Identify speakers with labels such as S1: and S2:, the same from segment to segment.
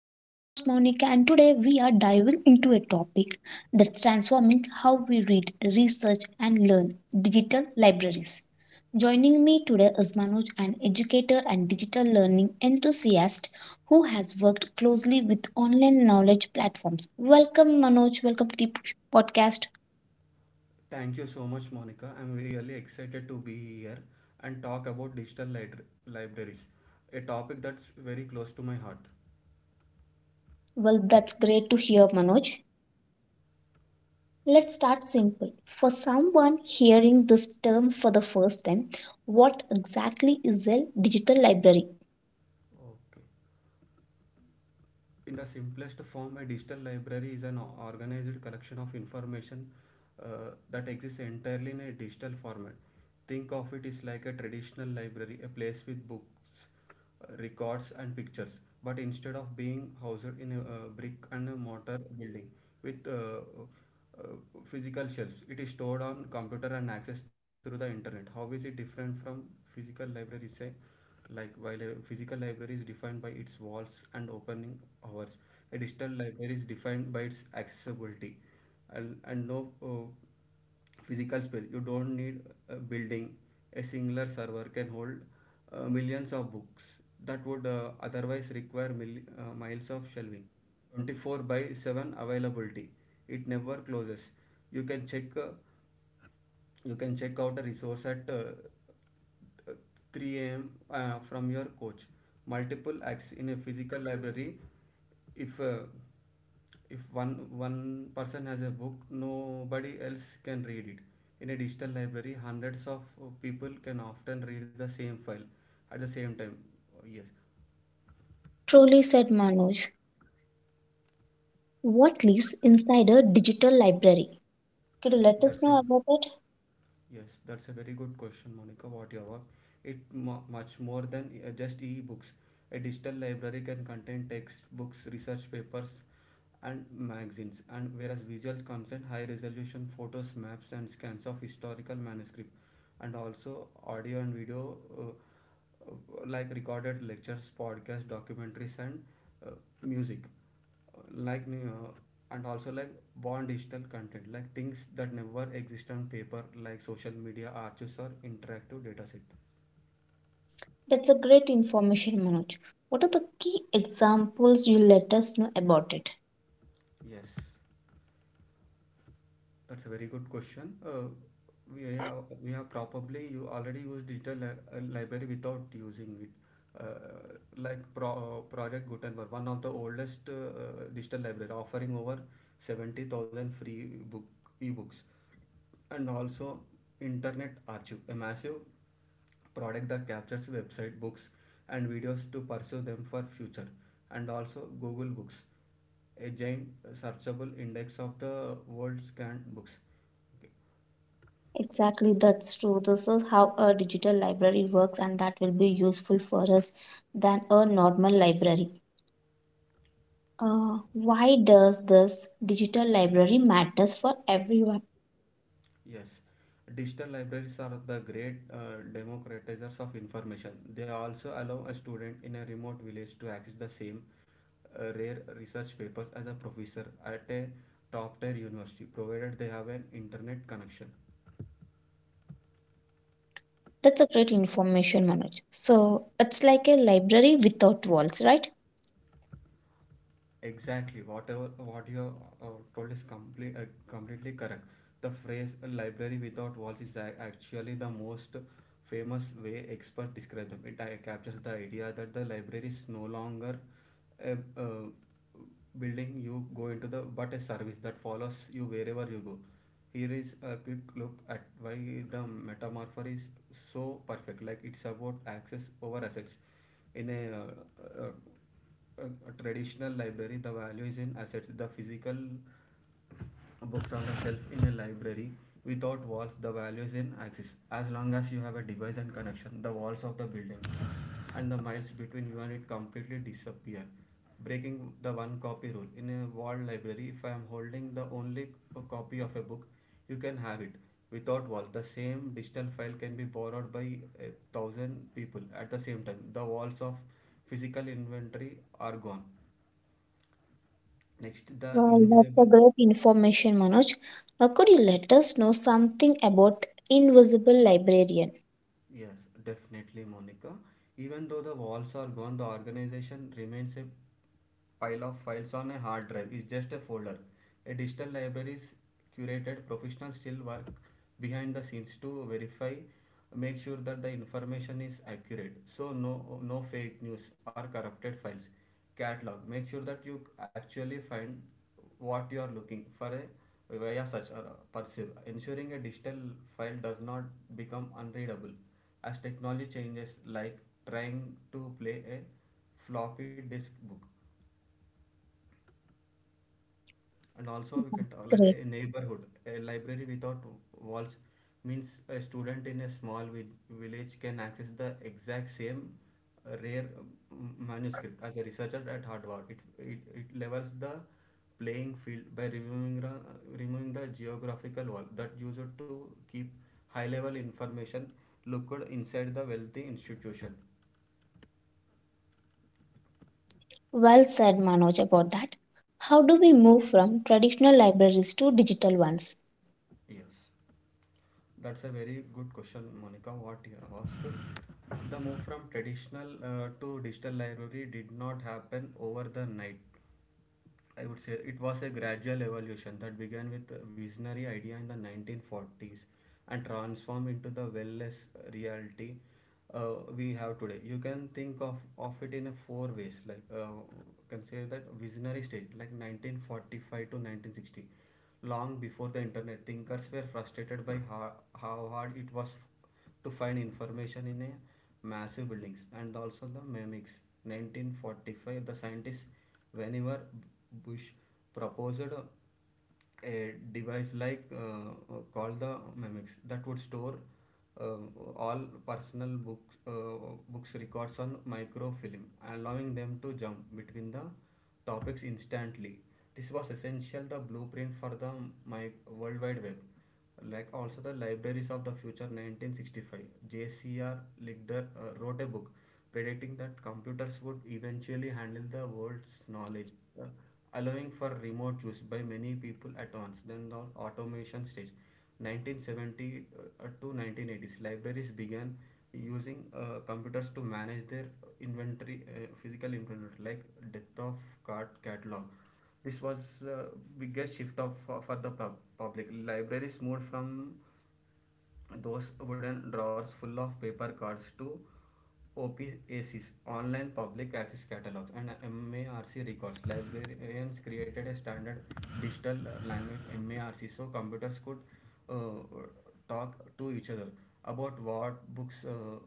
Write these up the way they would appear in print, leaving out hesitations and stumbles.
S1: I'm your host Monica, and today we are diving into a topic that's transforming how we read, research, and learn digital libraries. Joining me today is Manoj, an educator and digital learning enthusiast who has worked closely with online knowledge platforms. Welcome, Manoj. Welcome to the podcast.
S2: Thank you so much, Monica. I'm really excited to be here and talk about digital libraries, a topic that's very close to my heart.
S1: Well, that's great to hear, Manoj. Let's start simple. For someone hearing this term for the first time, what exactly is a digital library?
S2: Okay. In the simplest form, a digital library is an organized collection of information that exists entirely in a digital format. Think of it as like a traditional library, a place with books, records, and pictures, but instead of being housed in a brick and mortar building with uh, physical shelves, it is stored on computer and accessed through the internet. How is it different from physical libraries, say? Like, while a physical library is defined by its walls and opening hours, a digital library is defined by its accessibility and no physical space. You don't need a building. A singular server can hold millions of books that would otherwise require miles of shelving. 24/7 availability. It never closes. You can check. Uh, you can check out a resource at 3 a.m. From your coach. Multiple acts in a physical library. If uh, if one person has a book, nobody else can read it. In a digital library, hundreds of people can often read the same file at the same time. Yes.
S1: Truly said Manoj. What lives inside a digital library? Could you let
S2: that's
S1: us
S2: a
S1: know about it?
S2: yes, that's a very good question, Monica. What your work? It mu much more than just e-books. A digital library can contain textbooks, research papers, and magazines, and whereas visuals concern high resolution photos, maps, and scans of historical manuscript, and also audio and video uh, uh, like recorded lectures, podcasts, documentaries, and uh, music. Like new, and also like born digital content, like things that never exist on paper, like social media archives or interactive dataset.
S1: That's a great information, Manoj. What are the key examples you let us know about it?
S2: Yes, that's a very good question. We have probably you already used digital library without using it. Uh, like Project Gutenberg, one of the oldest digital library, offering over 70,000 free book ebooks. And also Internet Archive, a massive product that captures website books and videos to pursue them for future. And also Google Books, a giant searchable index of the world's scanned books. Okay.
S1: Exactly, that's true. This is how a digital library works, and that will be useful for us than a normal library. Why does this digital library matters for everyone?
S2: Yes, digital libraries are the great democratizers of information. They also allow a student in a remote village to access the same rare research papers as a professor at a top tier university, provided they have an internet connection.
S1: That's a great information, Manoj. So it's like a library without walls, right?
S2: Exactly, whatever what you uh, told is completely correct. The phrase "library without walls" is actually the most famous way experts describe them. It captures the idea that the library is no longer a building you go into the, but a service that follows you wherever you go. Here is a quick look at why the metamorpher is so perfect. Like, it's about access over assets. In a, uh, uh, a, a traditional library, the value is in assets, the physical books on a shelf. In a library without walls, the value is in axis. As long as you have a device and connection, the walls of the building and the miles between you and it completely disappear. Breaking the one copy rule, in a wall library, if I am holding the only copy of a book, you can have it. Without walls, the same digital file can be borrowed by a thousand people at the same time. The walls of physical inventory are gone. Next, the
S1: Well, that's
S2: invisible.
S1: a great information, Manoj. Now, could you let us know something about invisible librarian?
S2: Yes, definitely, Monica. Even though the walls are gone, the organization remains a pile of files on a hard drive. It's just a folder. A digital library is curated. Professionals still work behind the scenes to verify, make sure that the information is accurate. So no, no fake news or corrupted files. Catalog. Make sure that you actually find what you are looking for a via search or perceive, ensuring a digital file does not become unreadable. As technology changes, like trying to play a floppy disk book. And also we can talk like
S1: Great.
S2: a neighborhood, a library without walls means a student in a small village can access the exact same rare manuscript as a researcher at Harvard. It levels the playing field by removing, removing the geographical wall that used to keep high level information locked inside the wealthy institution.
S1: Well said, Manoj, about that. How do we move from traditional libraries to digital ones?
S2: Yes, that's a very good question, Monica. What you have asked. The move from traditional to digital library did not happen over the night. I would say it was a gradual evolution that began with a visionary idea in the 1940s and transformed into the wellness reality uh, we have today. You can think of it in a four ways. Like, you can say that visionary stage, like 1945 to 1960. Long before the internet, thinkers were frustrated by how hard it was to find information in a massive buildings. And also the mimics, 1945, the scientists Vannevar Bush proposed a device like called the mimics that would store uh, all personal books, books records on microfilm, allowing them to jump between the topics instantly. This was essential, the blueprint for the mi- world wide web. Like, also, the libraries of the future, 1965, JCR Lichter wrote a book predicting that computers would eventually handle the world's knowledge, uh, allowing for remote use by many people at once. Then the automation stage, 1970 to 1980s, libraries began using computers to manage their inventory, physical inventory, like depth of card catalog. This was uh, biggest shift of for the public. Libraries moved from those wooden drawers full of paper cards to OPACs, online public access catalogs, and MARC records. Librarians created a standard digital language MARC, so computers could uh, talk to each other about what books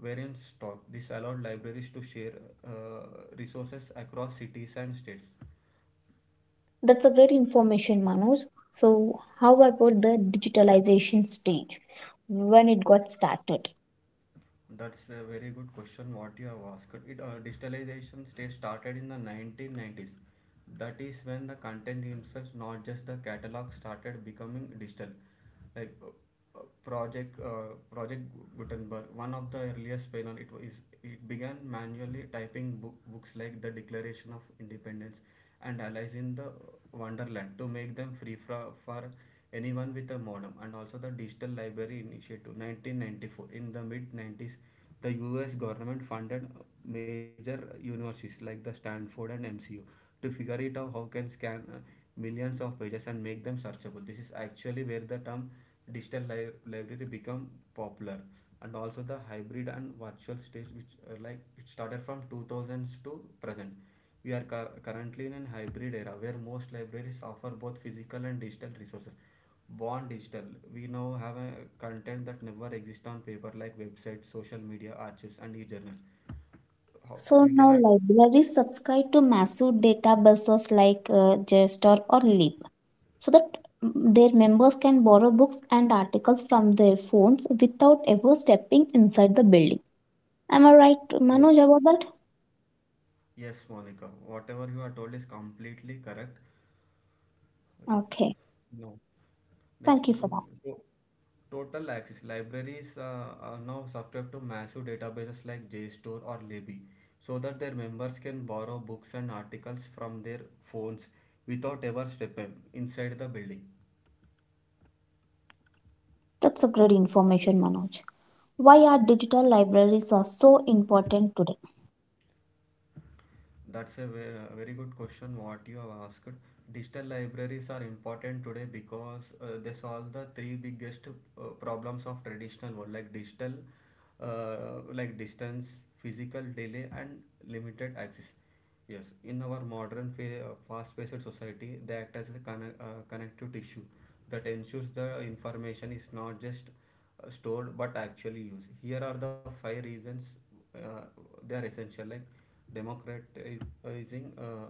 S2: were in stock. This allowed libraries to share resources across cities and states.
S1: That's a great information, Manoj. So, how about the digitalization stage when it got started?
S2: That's a very good question, what you have asked. It Digitalization stage started in the 1990s. That is when the content itself, not just the catalog, started becoming digital. Like, Project Gutenberg, one of the earliest pioneer, it began manually typing books like the Declaration of Independence and Alice in the Wonderland to make them free for anyone with a modem. And also the digital library initiative, 1994, in the mid 90s, the US government funded major universities like the Stanford and MCU to figure it out how can scan millions of pages and make them searchable. This is actually where the term digital library become popular. And also the hybrid and virtual stage, which like it started from 2000s to present. We are currently in a hybrid era where most libraries offer both physical and digital resources. Born digital, we now have a content that never exists on paper, like websites, social media archives, and e-journals. How,
S1: So
S2: we
S1: now
S2: can act.
S1: libraries subscribe to massive databases like JSTOR or Lib, so that their members can borrow books and articles from their phones without ever stepping inside the building. Am I right, Manoj,
S2: Yes,
S1: about that?
S2: yes, Monica, whatever you are told is completely correct. Yeah.
S1: Okay,
S2: No, next
S1: thank you
S2: we
S1: for
S2: go
S1: that.
S2: to- total access libraries are now subscribed to massive databases like JSTOR or Libby, so that their members can borrow books and articles from their phones without ever stepping inside the building.
S1: That's a great information, Manoj. Why are digital libraries are so important today?
S2: That's a very good question, what you have asked. Digital libraries are important today because they solve the three biggest problems of traditional world, like digital, like distance, physical delay, and limited access. Yes, in our modern fast-paced society, they act as a connective tissue that ensures the information is not just stored but actually used. Here are the five reasons uh, they are essential. Like democratizing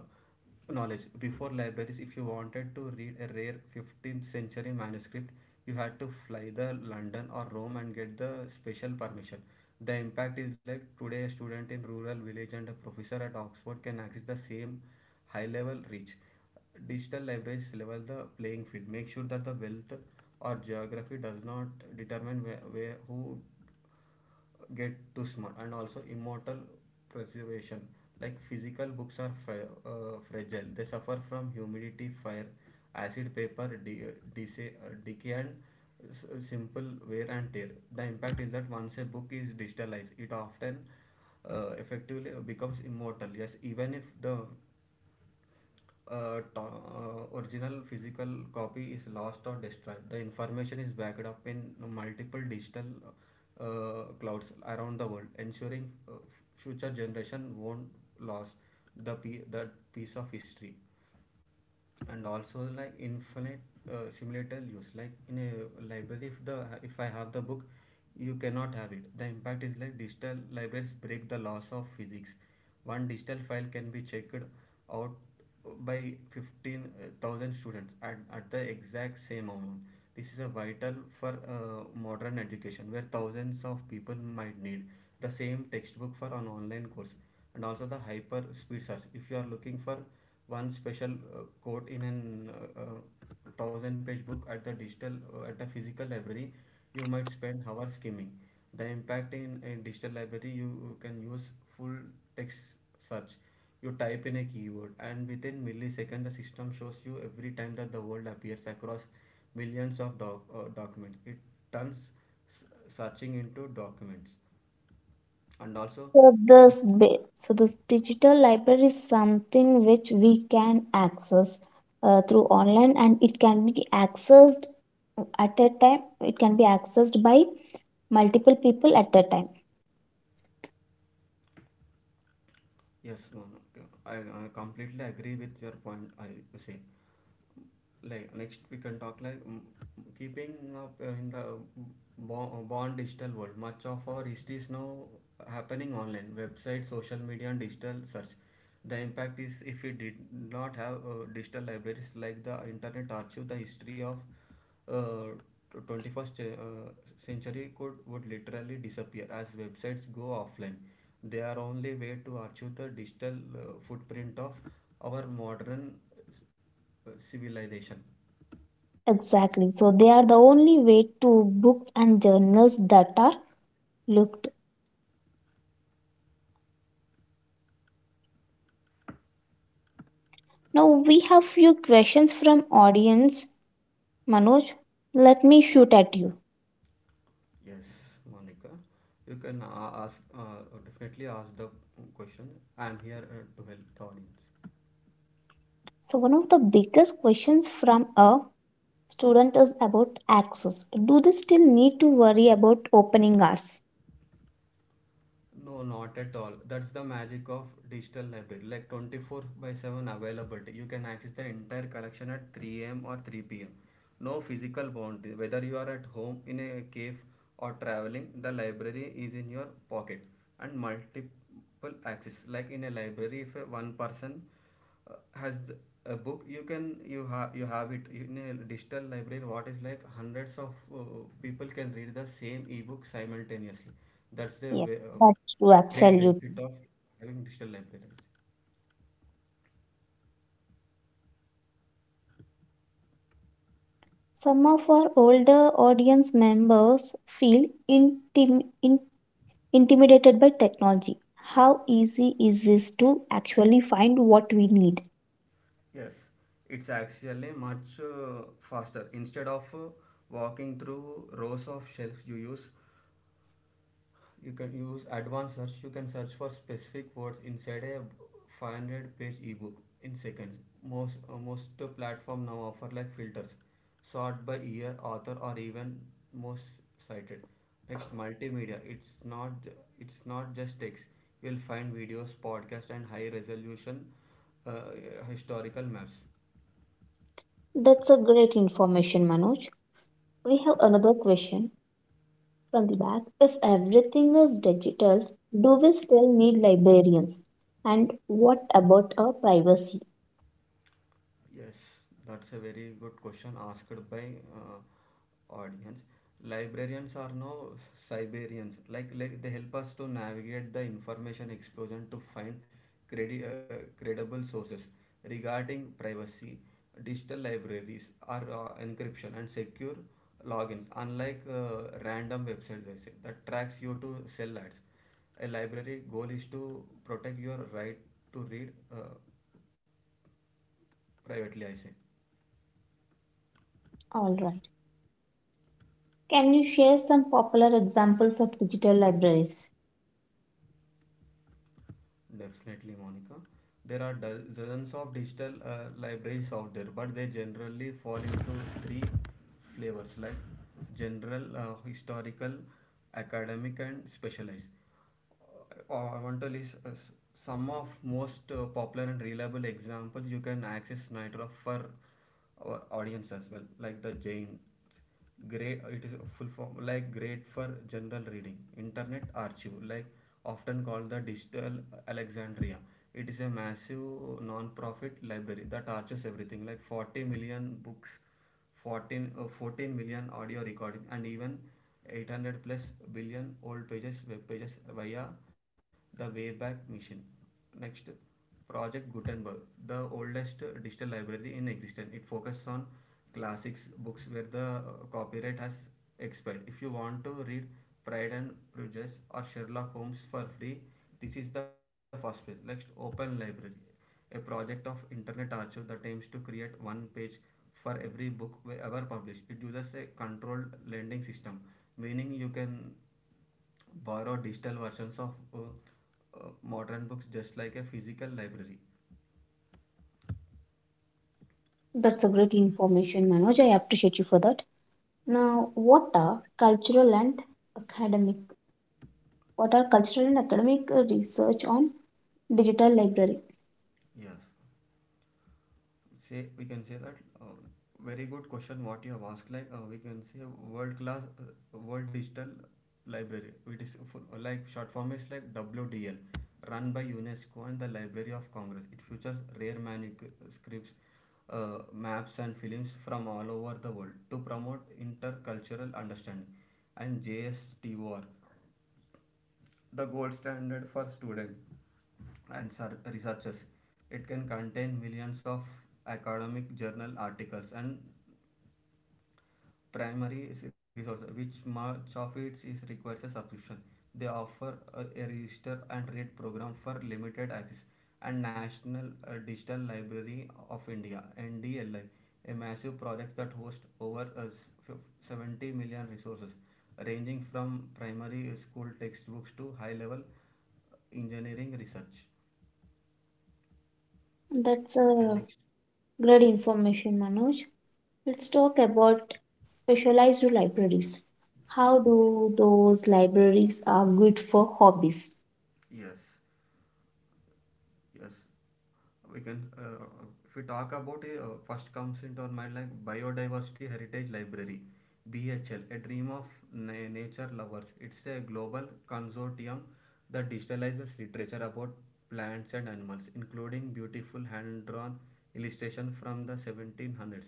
S2: knowledge, before libraries, if you wanted to read a rare 15th century manuscript, you had to fly to London or Rome and get the special permission. The impact is like today, a student in rural village and a professor at Oxford can access the same high level reach. Digital libraries level the playing field, make sure that the wealth or geography does not determine where who get too small. And also immortal preservation, like physical books are fragile, they suffer from humidity, fire, acid paper decay, and simple wear and tear. The impact is that once a book is digitalized, it often effectively becomes immortal. Yes, even if the original physical copy is lost or destroyed. The information is backed up in multiple digital clouds around the world, ensuring future generation won't lose that piece of history. And also like infinite simulator use. Like in a library, if the if I have the book you cannot have it. The impact is like digital libraries break the laws of physics. One digital file can be checked out by 15,000 students at the exact same amount. This is a vital for modern education where thousands of people might need the same textbook for an online course. And also the hyper speed search, if you are looking for one special quote in an thousand page book at the digital at the physical library, you might spend hours skimming. The impact in a digital library, you can use full text search. You type in a keyword and within milliseconds the system shows you every time that the word appears across millions of documents. It turns searching into documents. And also
S1: So this bit, so this digital library is something which we can access through online, and it can be accessed at a time. It can be accessed by multiple people at a time.
S2: yes, no, no, I completely agree with your point. I say like next we can talk like keeping up in the born digital world, much of our history is now happening online, websites, social media, and digital search. The impact is if we did not have digital libraries like the Internet Archive, the history of 21st century could would literally disappear as websites go offline. They are only way to archive the digital footprint of our modern civilization.
S1: Exactly. So they are the only way to books and journals that are looked. Now we have few questions from audience. Manoj, let me shoot at you.
S2: Yes, Monica. You can ask, definitely ask the question. I'm here to help the audience.
S1: So one of the biggest questions from a student is about access. Do they still need to worry about opening hours?
S2: No, not at all. That's the magic of digital library. Like 24 by 7 availability. You can access the entire collection at 3 a.m. or 3 pm. No physical boundary. Whether you are at home, in a cave, or traveling, the library is in your pocket. And multiple access. Like in a library, if a one person uh, has th- a book, you can you have it in a digital library. What is like hundreds of people can read the same ebook simultaneously. That's the
S1: Yes,
S2: way,
S1: that's true,
S2: great
S1: absolutely.
S2: benefit of having digital libraries.
S1: Some of our older audience members feel intim- in- intimidated by technology. How easy is this to actually find what we need?
S2: Yes, it's actually much faster. Instead of walking through rows of shelves, you can use advanced search. You can search for specific words inside a 500-page ebook in seconds. Most platform now offer like filters, sort by year, author, or even most cited. Next, multimedia. It's not just text. You'll find videos, podcasts, and high resolution uh, historical maps.
S1: That's a great information, Manoj. We have another question from the back. If everything is digital, do we still need librarians? And what about our privacy?
S2: Yes, that's a very good question asked by audience. Librarians are now Siberians. Like they help us to navigate the information explosion to find credible sources. Regarding privacy, digital libraries are encryption and secure logins. Unlike random websites, I say, that tracks you to sell ads. A library goal is to protect your right to read privately. I say
S1: All right. Can you share some popular examples of digital libraries?
S2: definitely, Monica. There are dozens of digital libraries out there, but they generally fall into three flavors, like general, historical, academic, and specialized. I want to list some of most popular and reliable examples you can access Nitro for our audience as well, like the Jain great. It is full form, like great for general reading. Internet Archive, like often called the digital Alexandria, it is a massive non-profit library that archives everything like 40 million books, 14, 14 million audio recording, and even 800 plus billion old pages, web pages via the Wayback Machine. Next, Project Gutenberg, the oldest digital library in existence. It focuses on classics books where the copyright has expired. If you want to read Pride and Prejudice or Sherlock Holmes for free, this is the first place. Next, Open Library, a project of Internet Archive that aims to create one page for every book ever published. It uses a controlled lending system, meaning you can borrow digital versions of modern books just like a physical library.
S1: That's a great information, Manoj. I appreciate you for that. Now, what are cultural and academic? What are cultural and academic research on digital library?
S2: Yes, say we can say that very good question what you have asked. Like we can say World Class, World Digital Library. It is full, like short form is like WDL. Run by UNESCO and the Library of Congress, it features rare manuscripts, maps, and films from all over the world to promote intercultural understanding. And JSTOR, the gold standard for students and researchers. It can contain millions of academic journal articles and primary resource, which much of it is requires a subscription. They offer a register and read program for limited access. And National Digital Library of India, NDLI, a massive project that hosts over 70 million resources ranging from primary school textbooks to high level engineering research.
S1: That's
S2: And
S1: a
S2: next,
S1: great information, Manoj. Let's talk about specialized libraries. How do those libraries are good for hobbies?
S2: yes, yes, we can if we talk about it, first comes into our mind like Biodiversity Heritage Library, BHL, a dream of nature lovers. It's a global consortium that digitalizes literature about plants and animals, including beautiful hand-drawn illustration from the 1700s.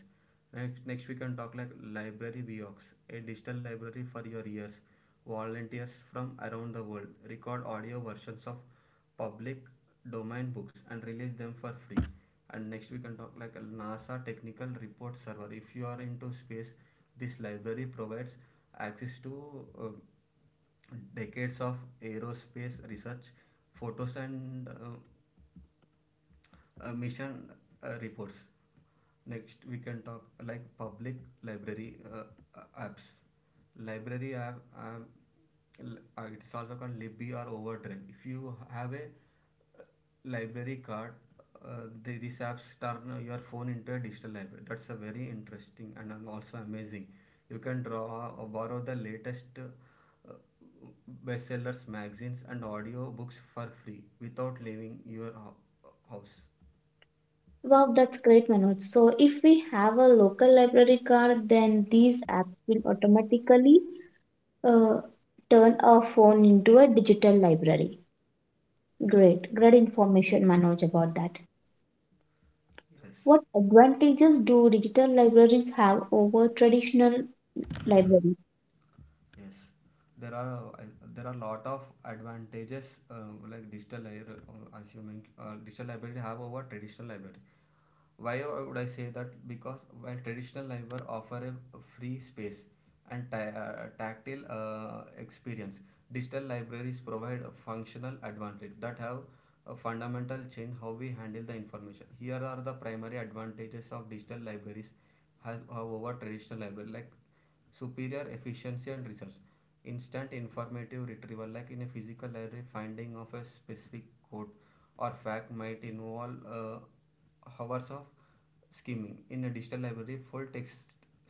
S2: Next, we can talk like Library Biox, a digital library for your ears. Volunteers from around the world record audio versions of public domain books and release them for free. And next we can talk like NASA Technical Report Server. If you are into space, this library provides access to decades of aerospace research, photos, and mission reports. Next, we can talk like public library apps. Library app, it's also called Libby or Overdrive. If you have a library card, these apps turn your phone into a digital library. That's a very interesting and also amazing. You can draw or borrow the latest bestsellers, magazines, and audio books for free without leaving your house.
S1: Wow, that's great, Manoj. So, if we have a local library card, then these apps will automatically uh, turn our phone into a digital library. Great, great information, Manoj, about that.
S2: Yes,
S1: What advantages do digital libraries have over traditional libraries?
S2: yes. There are uh, there are lot of advantages uh, like digital library, as you mentioned, digital library have over traditional library. Why would I say that? Because while traditional library offer a free space and tactile experience, digital libraries provide a functional advantage that have a fundamental change how we handle the information. Here are the primary advantages of digital libraries has over traditional library, like superior efficiency and research. Instant informative retrieval, like in a physical library, finding of a specific quote or fact might involve hours of scheming. In a digital library, full text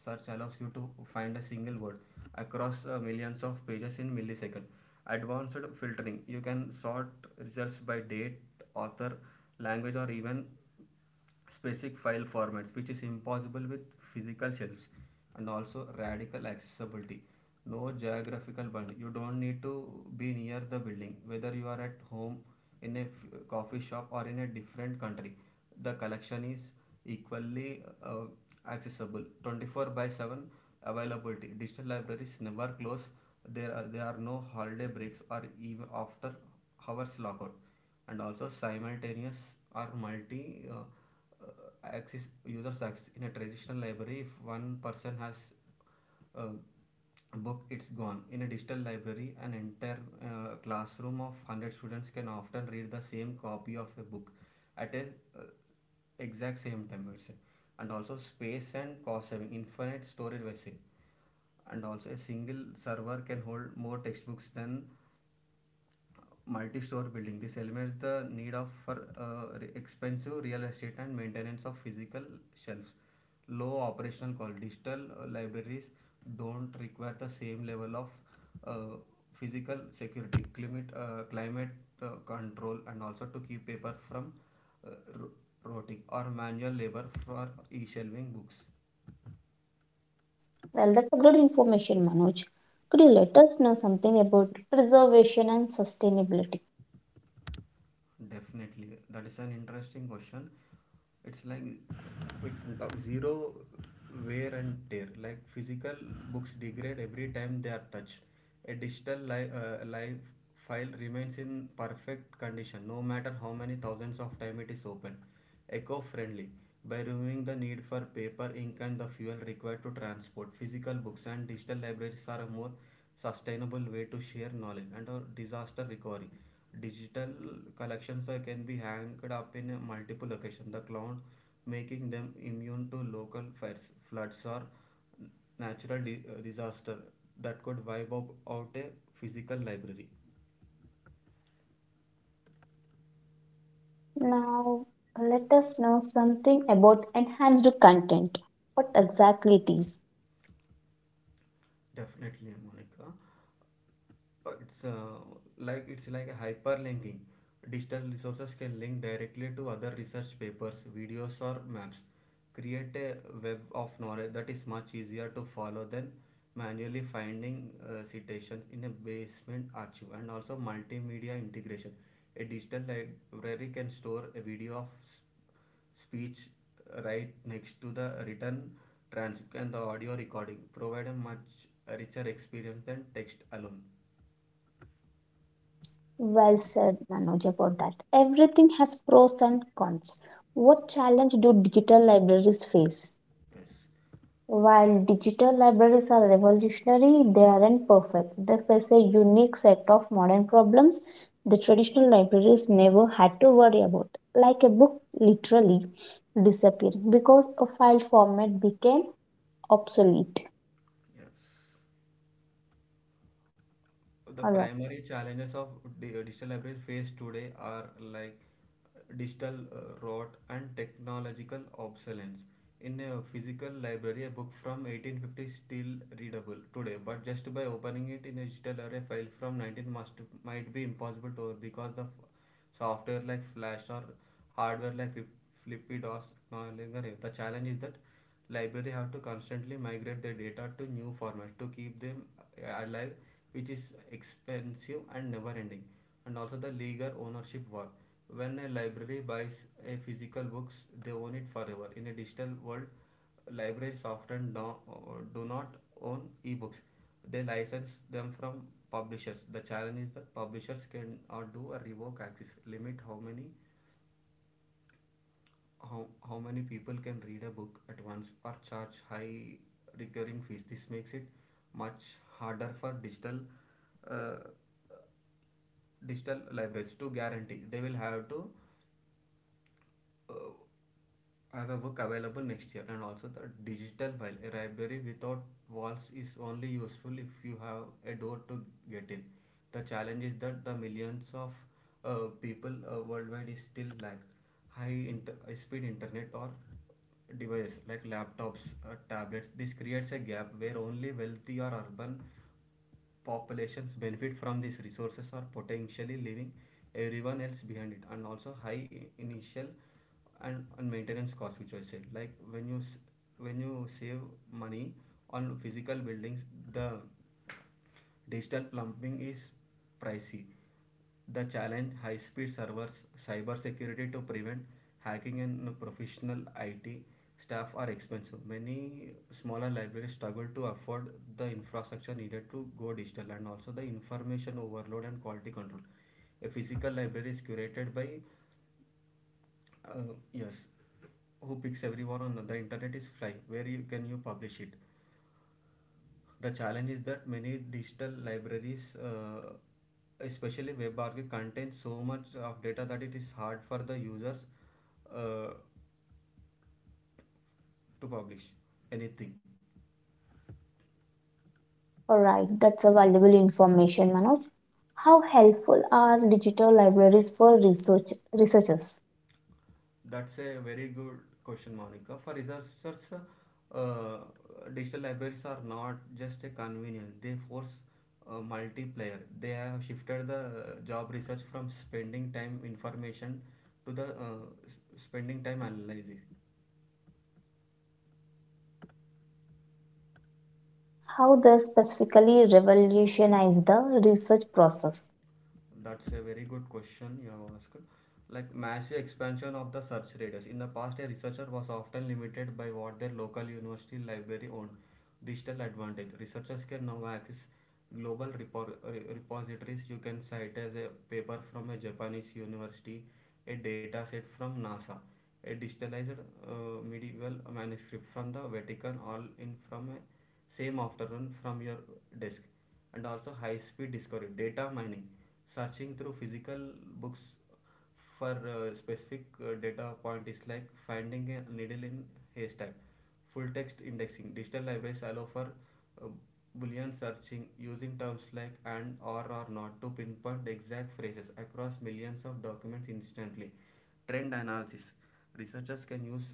S2: search allows you to find a single word across millions of pages in milliseconds. Advanced filtering. You can sort results by date, author, language, or even specific file formats, which is impossible with physical shelves. And also radical accessibility, no geographical bound. You don't need to be near the building. Whether you are at home, in a coffee shop, or in a different country, the collection is equally uh, accessible. 24 by 7 availability, digital libraries never close. There are no holiday breaks or even after hours lockout. And also simultaneous or multi uh, access users access. In a traditional library, if one person has uh, a book, it's gone. In a digital library, an entire classroom of 100 students can often read the same copy of a book at a uh, exact same time, we'll say. And also space and cost saving, infinite storage, we say. And also a single server can hold more textbooks than multi-store building. This eliminates the need of for expensive real estate and maintenance of physical shelves. Low operational cost. Digital libraries don't require the same level of uh, physical security, climate, climate control, and also to keep paper from uh, rotting or manual labor for e-shelving books.
S1: Well, that's a great information, Manoj. Could you let us know something about preservation and sustainability?
S2: Definitely, that is an interesting question. It's like we can talk zero wear and tear. Like physical books degrade every time they are touched. A live file remains in perfect condition, no matter how many thousands of time it is open. Eco-friendly, by removing the need for paper, ink, and the fuel required to transport physical books, and digital libraries are a more sustainable way to share knowledge. And a disaster recovery. Digital collections can be hanged up in multiple locations, the cloud, making them immune to local fires, floods, or disaster that could wipe out a physical library.
S1: Now, let us know something about enhanced content. What exactly it is?
S2: Definitely, Monica. It's like it's like a hyperlinking. Digital resources can link directly to other research papers, videos, or maps. Create a web of knowledge that is much easier to follow than manually finding citations in a basement archive. And also multimedia integration. A digital library can store a video of speech right next to the written transcript and the audio recording, provide a much richer experience than text alone.
S1: Well said, Manoj, about that. Everything has pros and cons. What challenge do digital libraries face?
S2: Yes,
S1: While digital libraries are revolutionary, they aren't perfect. They face a unique set of modern problems the traditional libraries never had to worry about, like a book literally disappearing because a file format became obsolete.
S2: yes. The
S1: All right,
S2: primary challenges of digital libraries faced today are like digital rot and technological obsolescence. In a physical library, a book from 1850 is still readable today, but just by opening it in a digital library, a file from 19 must might be impossible to because software like Flash or hardware like floppy disks no longer have. The challenge is that library have to constantly migrate their data to new formats to keep them alive, which is expensive and never ending. And also the legal ownership war. When a library buys a physical books, they own it forever. In a digital world, libraries often do not own ebooks, they license them from publishers. The challenge is that publishers can or do a revoke access, limit how many how many people can read a book at once, or charge high recurring fees. This makes it much harder for digital uh, digital libraries to guarantee they will have to uh, I have a book available next year, and also the digital file. A library without walls is only useful if you have a door to get in. The challenge is that the millions of people worldwide is still lack high speed internet or devices like laptops, tablets. This creates a gap where only wealthy or urban populations benefit from these resources, are potentially leaving everyone else behind it. And also high initial and maintenance costs, which I said, like when you save money on physical buildings, the digital plumbing is pricey. The challenge, high-speed servers, cybersecurity to prevent hacking, and professional IT staff are expensive. Many smaller libraries struggle to afford the infrastructure needed to go digital. And also the information overload and quality control. A physical library is curated by yes, who picks. Everyone on the internet is fly, where you can you publish it. The challenge is that many digital libraries, especially WebRTC, contain so much of data that it is hard for the users uh, to publish anything.
S1: all right, that's a valuable information, Manoj. How helpful are digital libraries for researchers?
S2: That's a very good question, Monica. For researchers, uh, digital libraries are not just a convenience, they force multiplayer. They have shifted the job research from spending time information to the spending time analysis.
S1: How they specifically revolutionize the research process?
S2: That's a very good question you have asked. Like massive expansion of the search radius. In the past, a researcher was often limited by what their local university library owned. Digital advantage. Researchers can now access global repositories. You can cite as a paper from a Japanese university, a data set from NASA, a digitalized medieval manuscript from the Vatican, all in from a same afternoon from your desk. And also high speed discovery, data mining. Searching through physical books for a specific data point is like finding a needle in haystack. Full text indexing, digital libraries allow for uh, boolean searching, using terms like and or not, to pinpoint exact phrases across millions of documents instantly. Trend analysis, researchers can use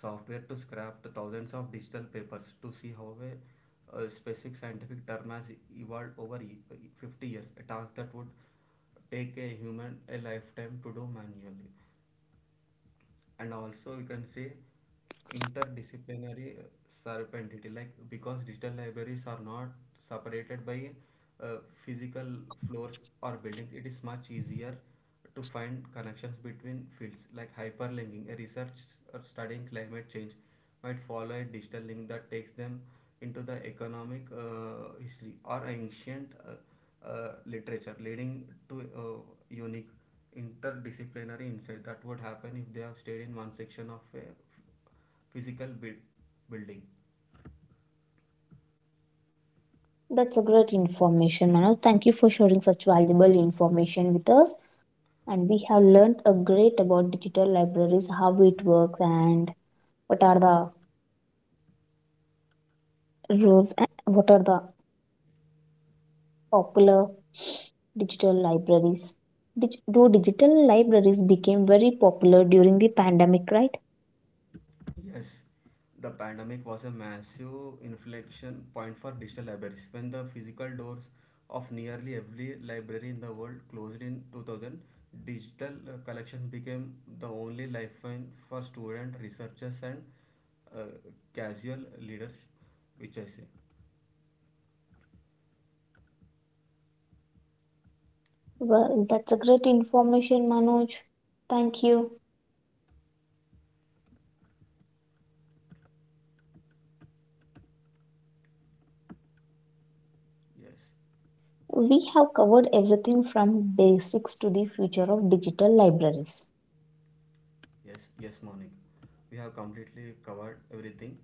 S2: software to scrape thousands of digital papers to see how a specific scientific term has evolved over 50 years, a task that would take a human a lifetime to do manually. And also you can say interdisciplinary serendipity, like because digital libraries are not separated by uh, physical floors or buildings, it is much easier to find connections between fields. Like hyperlinking a research, or studying climate change, might follow a digital link that takes them into the economic history or ancient literature, leading to unique interdisciplinary insight that would happen if they have stayed in one section of a physical building.
S1: That's a great information, Manoj. Thank you for sharing such valuable information with us. And we have learned a great about digital libraries, how it works, and what are the rules, and what are the popular digital libraries. Do digital libraries became very popular during the pandemic, right?
S2: Yes, the pandemic was a massive inflection point for digital libraries when the physical doors of nearly every library in the world closed in 2000. Digital collections became the only lifeline for students, researchers, and uh, casual leaders, which I say.
S1: Well, that's a great information, Manoj. Thank you.
S2: Yes.
S1: We have covered everything from basics to the future of digital libraries.
S2: Yes, Monik, we have completely covered everything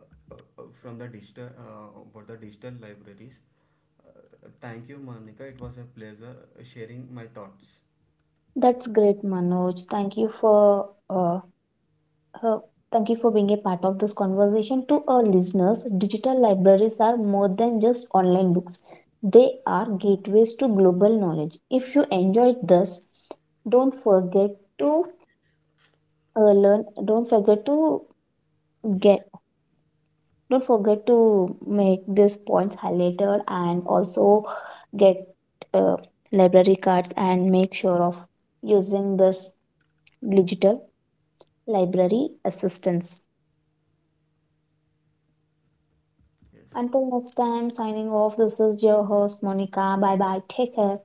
S2: from the digital about the digital libraries. Thank you, Monica. It was a pleasure sharing my thoughts.
S1: That's great, Manoj. Uh, thank you for being a part of this conversation. To our listeners, digital libraries are more than just online books. They are gateways to global knowledge. If you enjoyed this, don't forget to learn. Don't forget to
S2: Yes,
S1: get Don't forget to make these points highlighted and also get uh, library cards and make sure of using this digital library assistance.
S2: yes.
S1: Until next time, signing off. This is your host, Monica. Bye bye. Take care.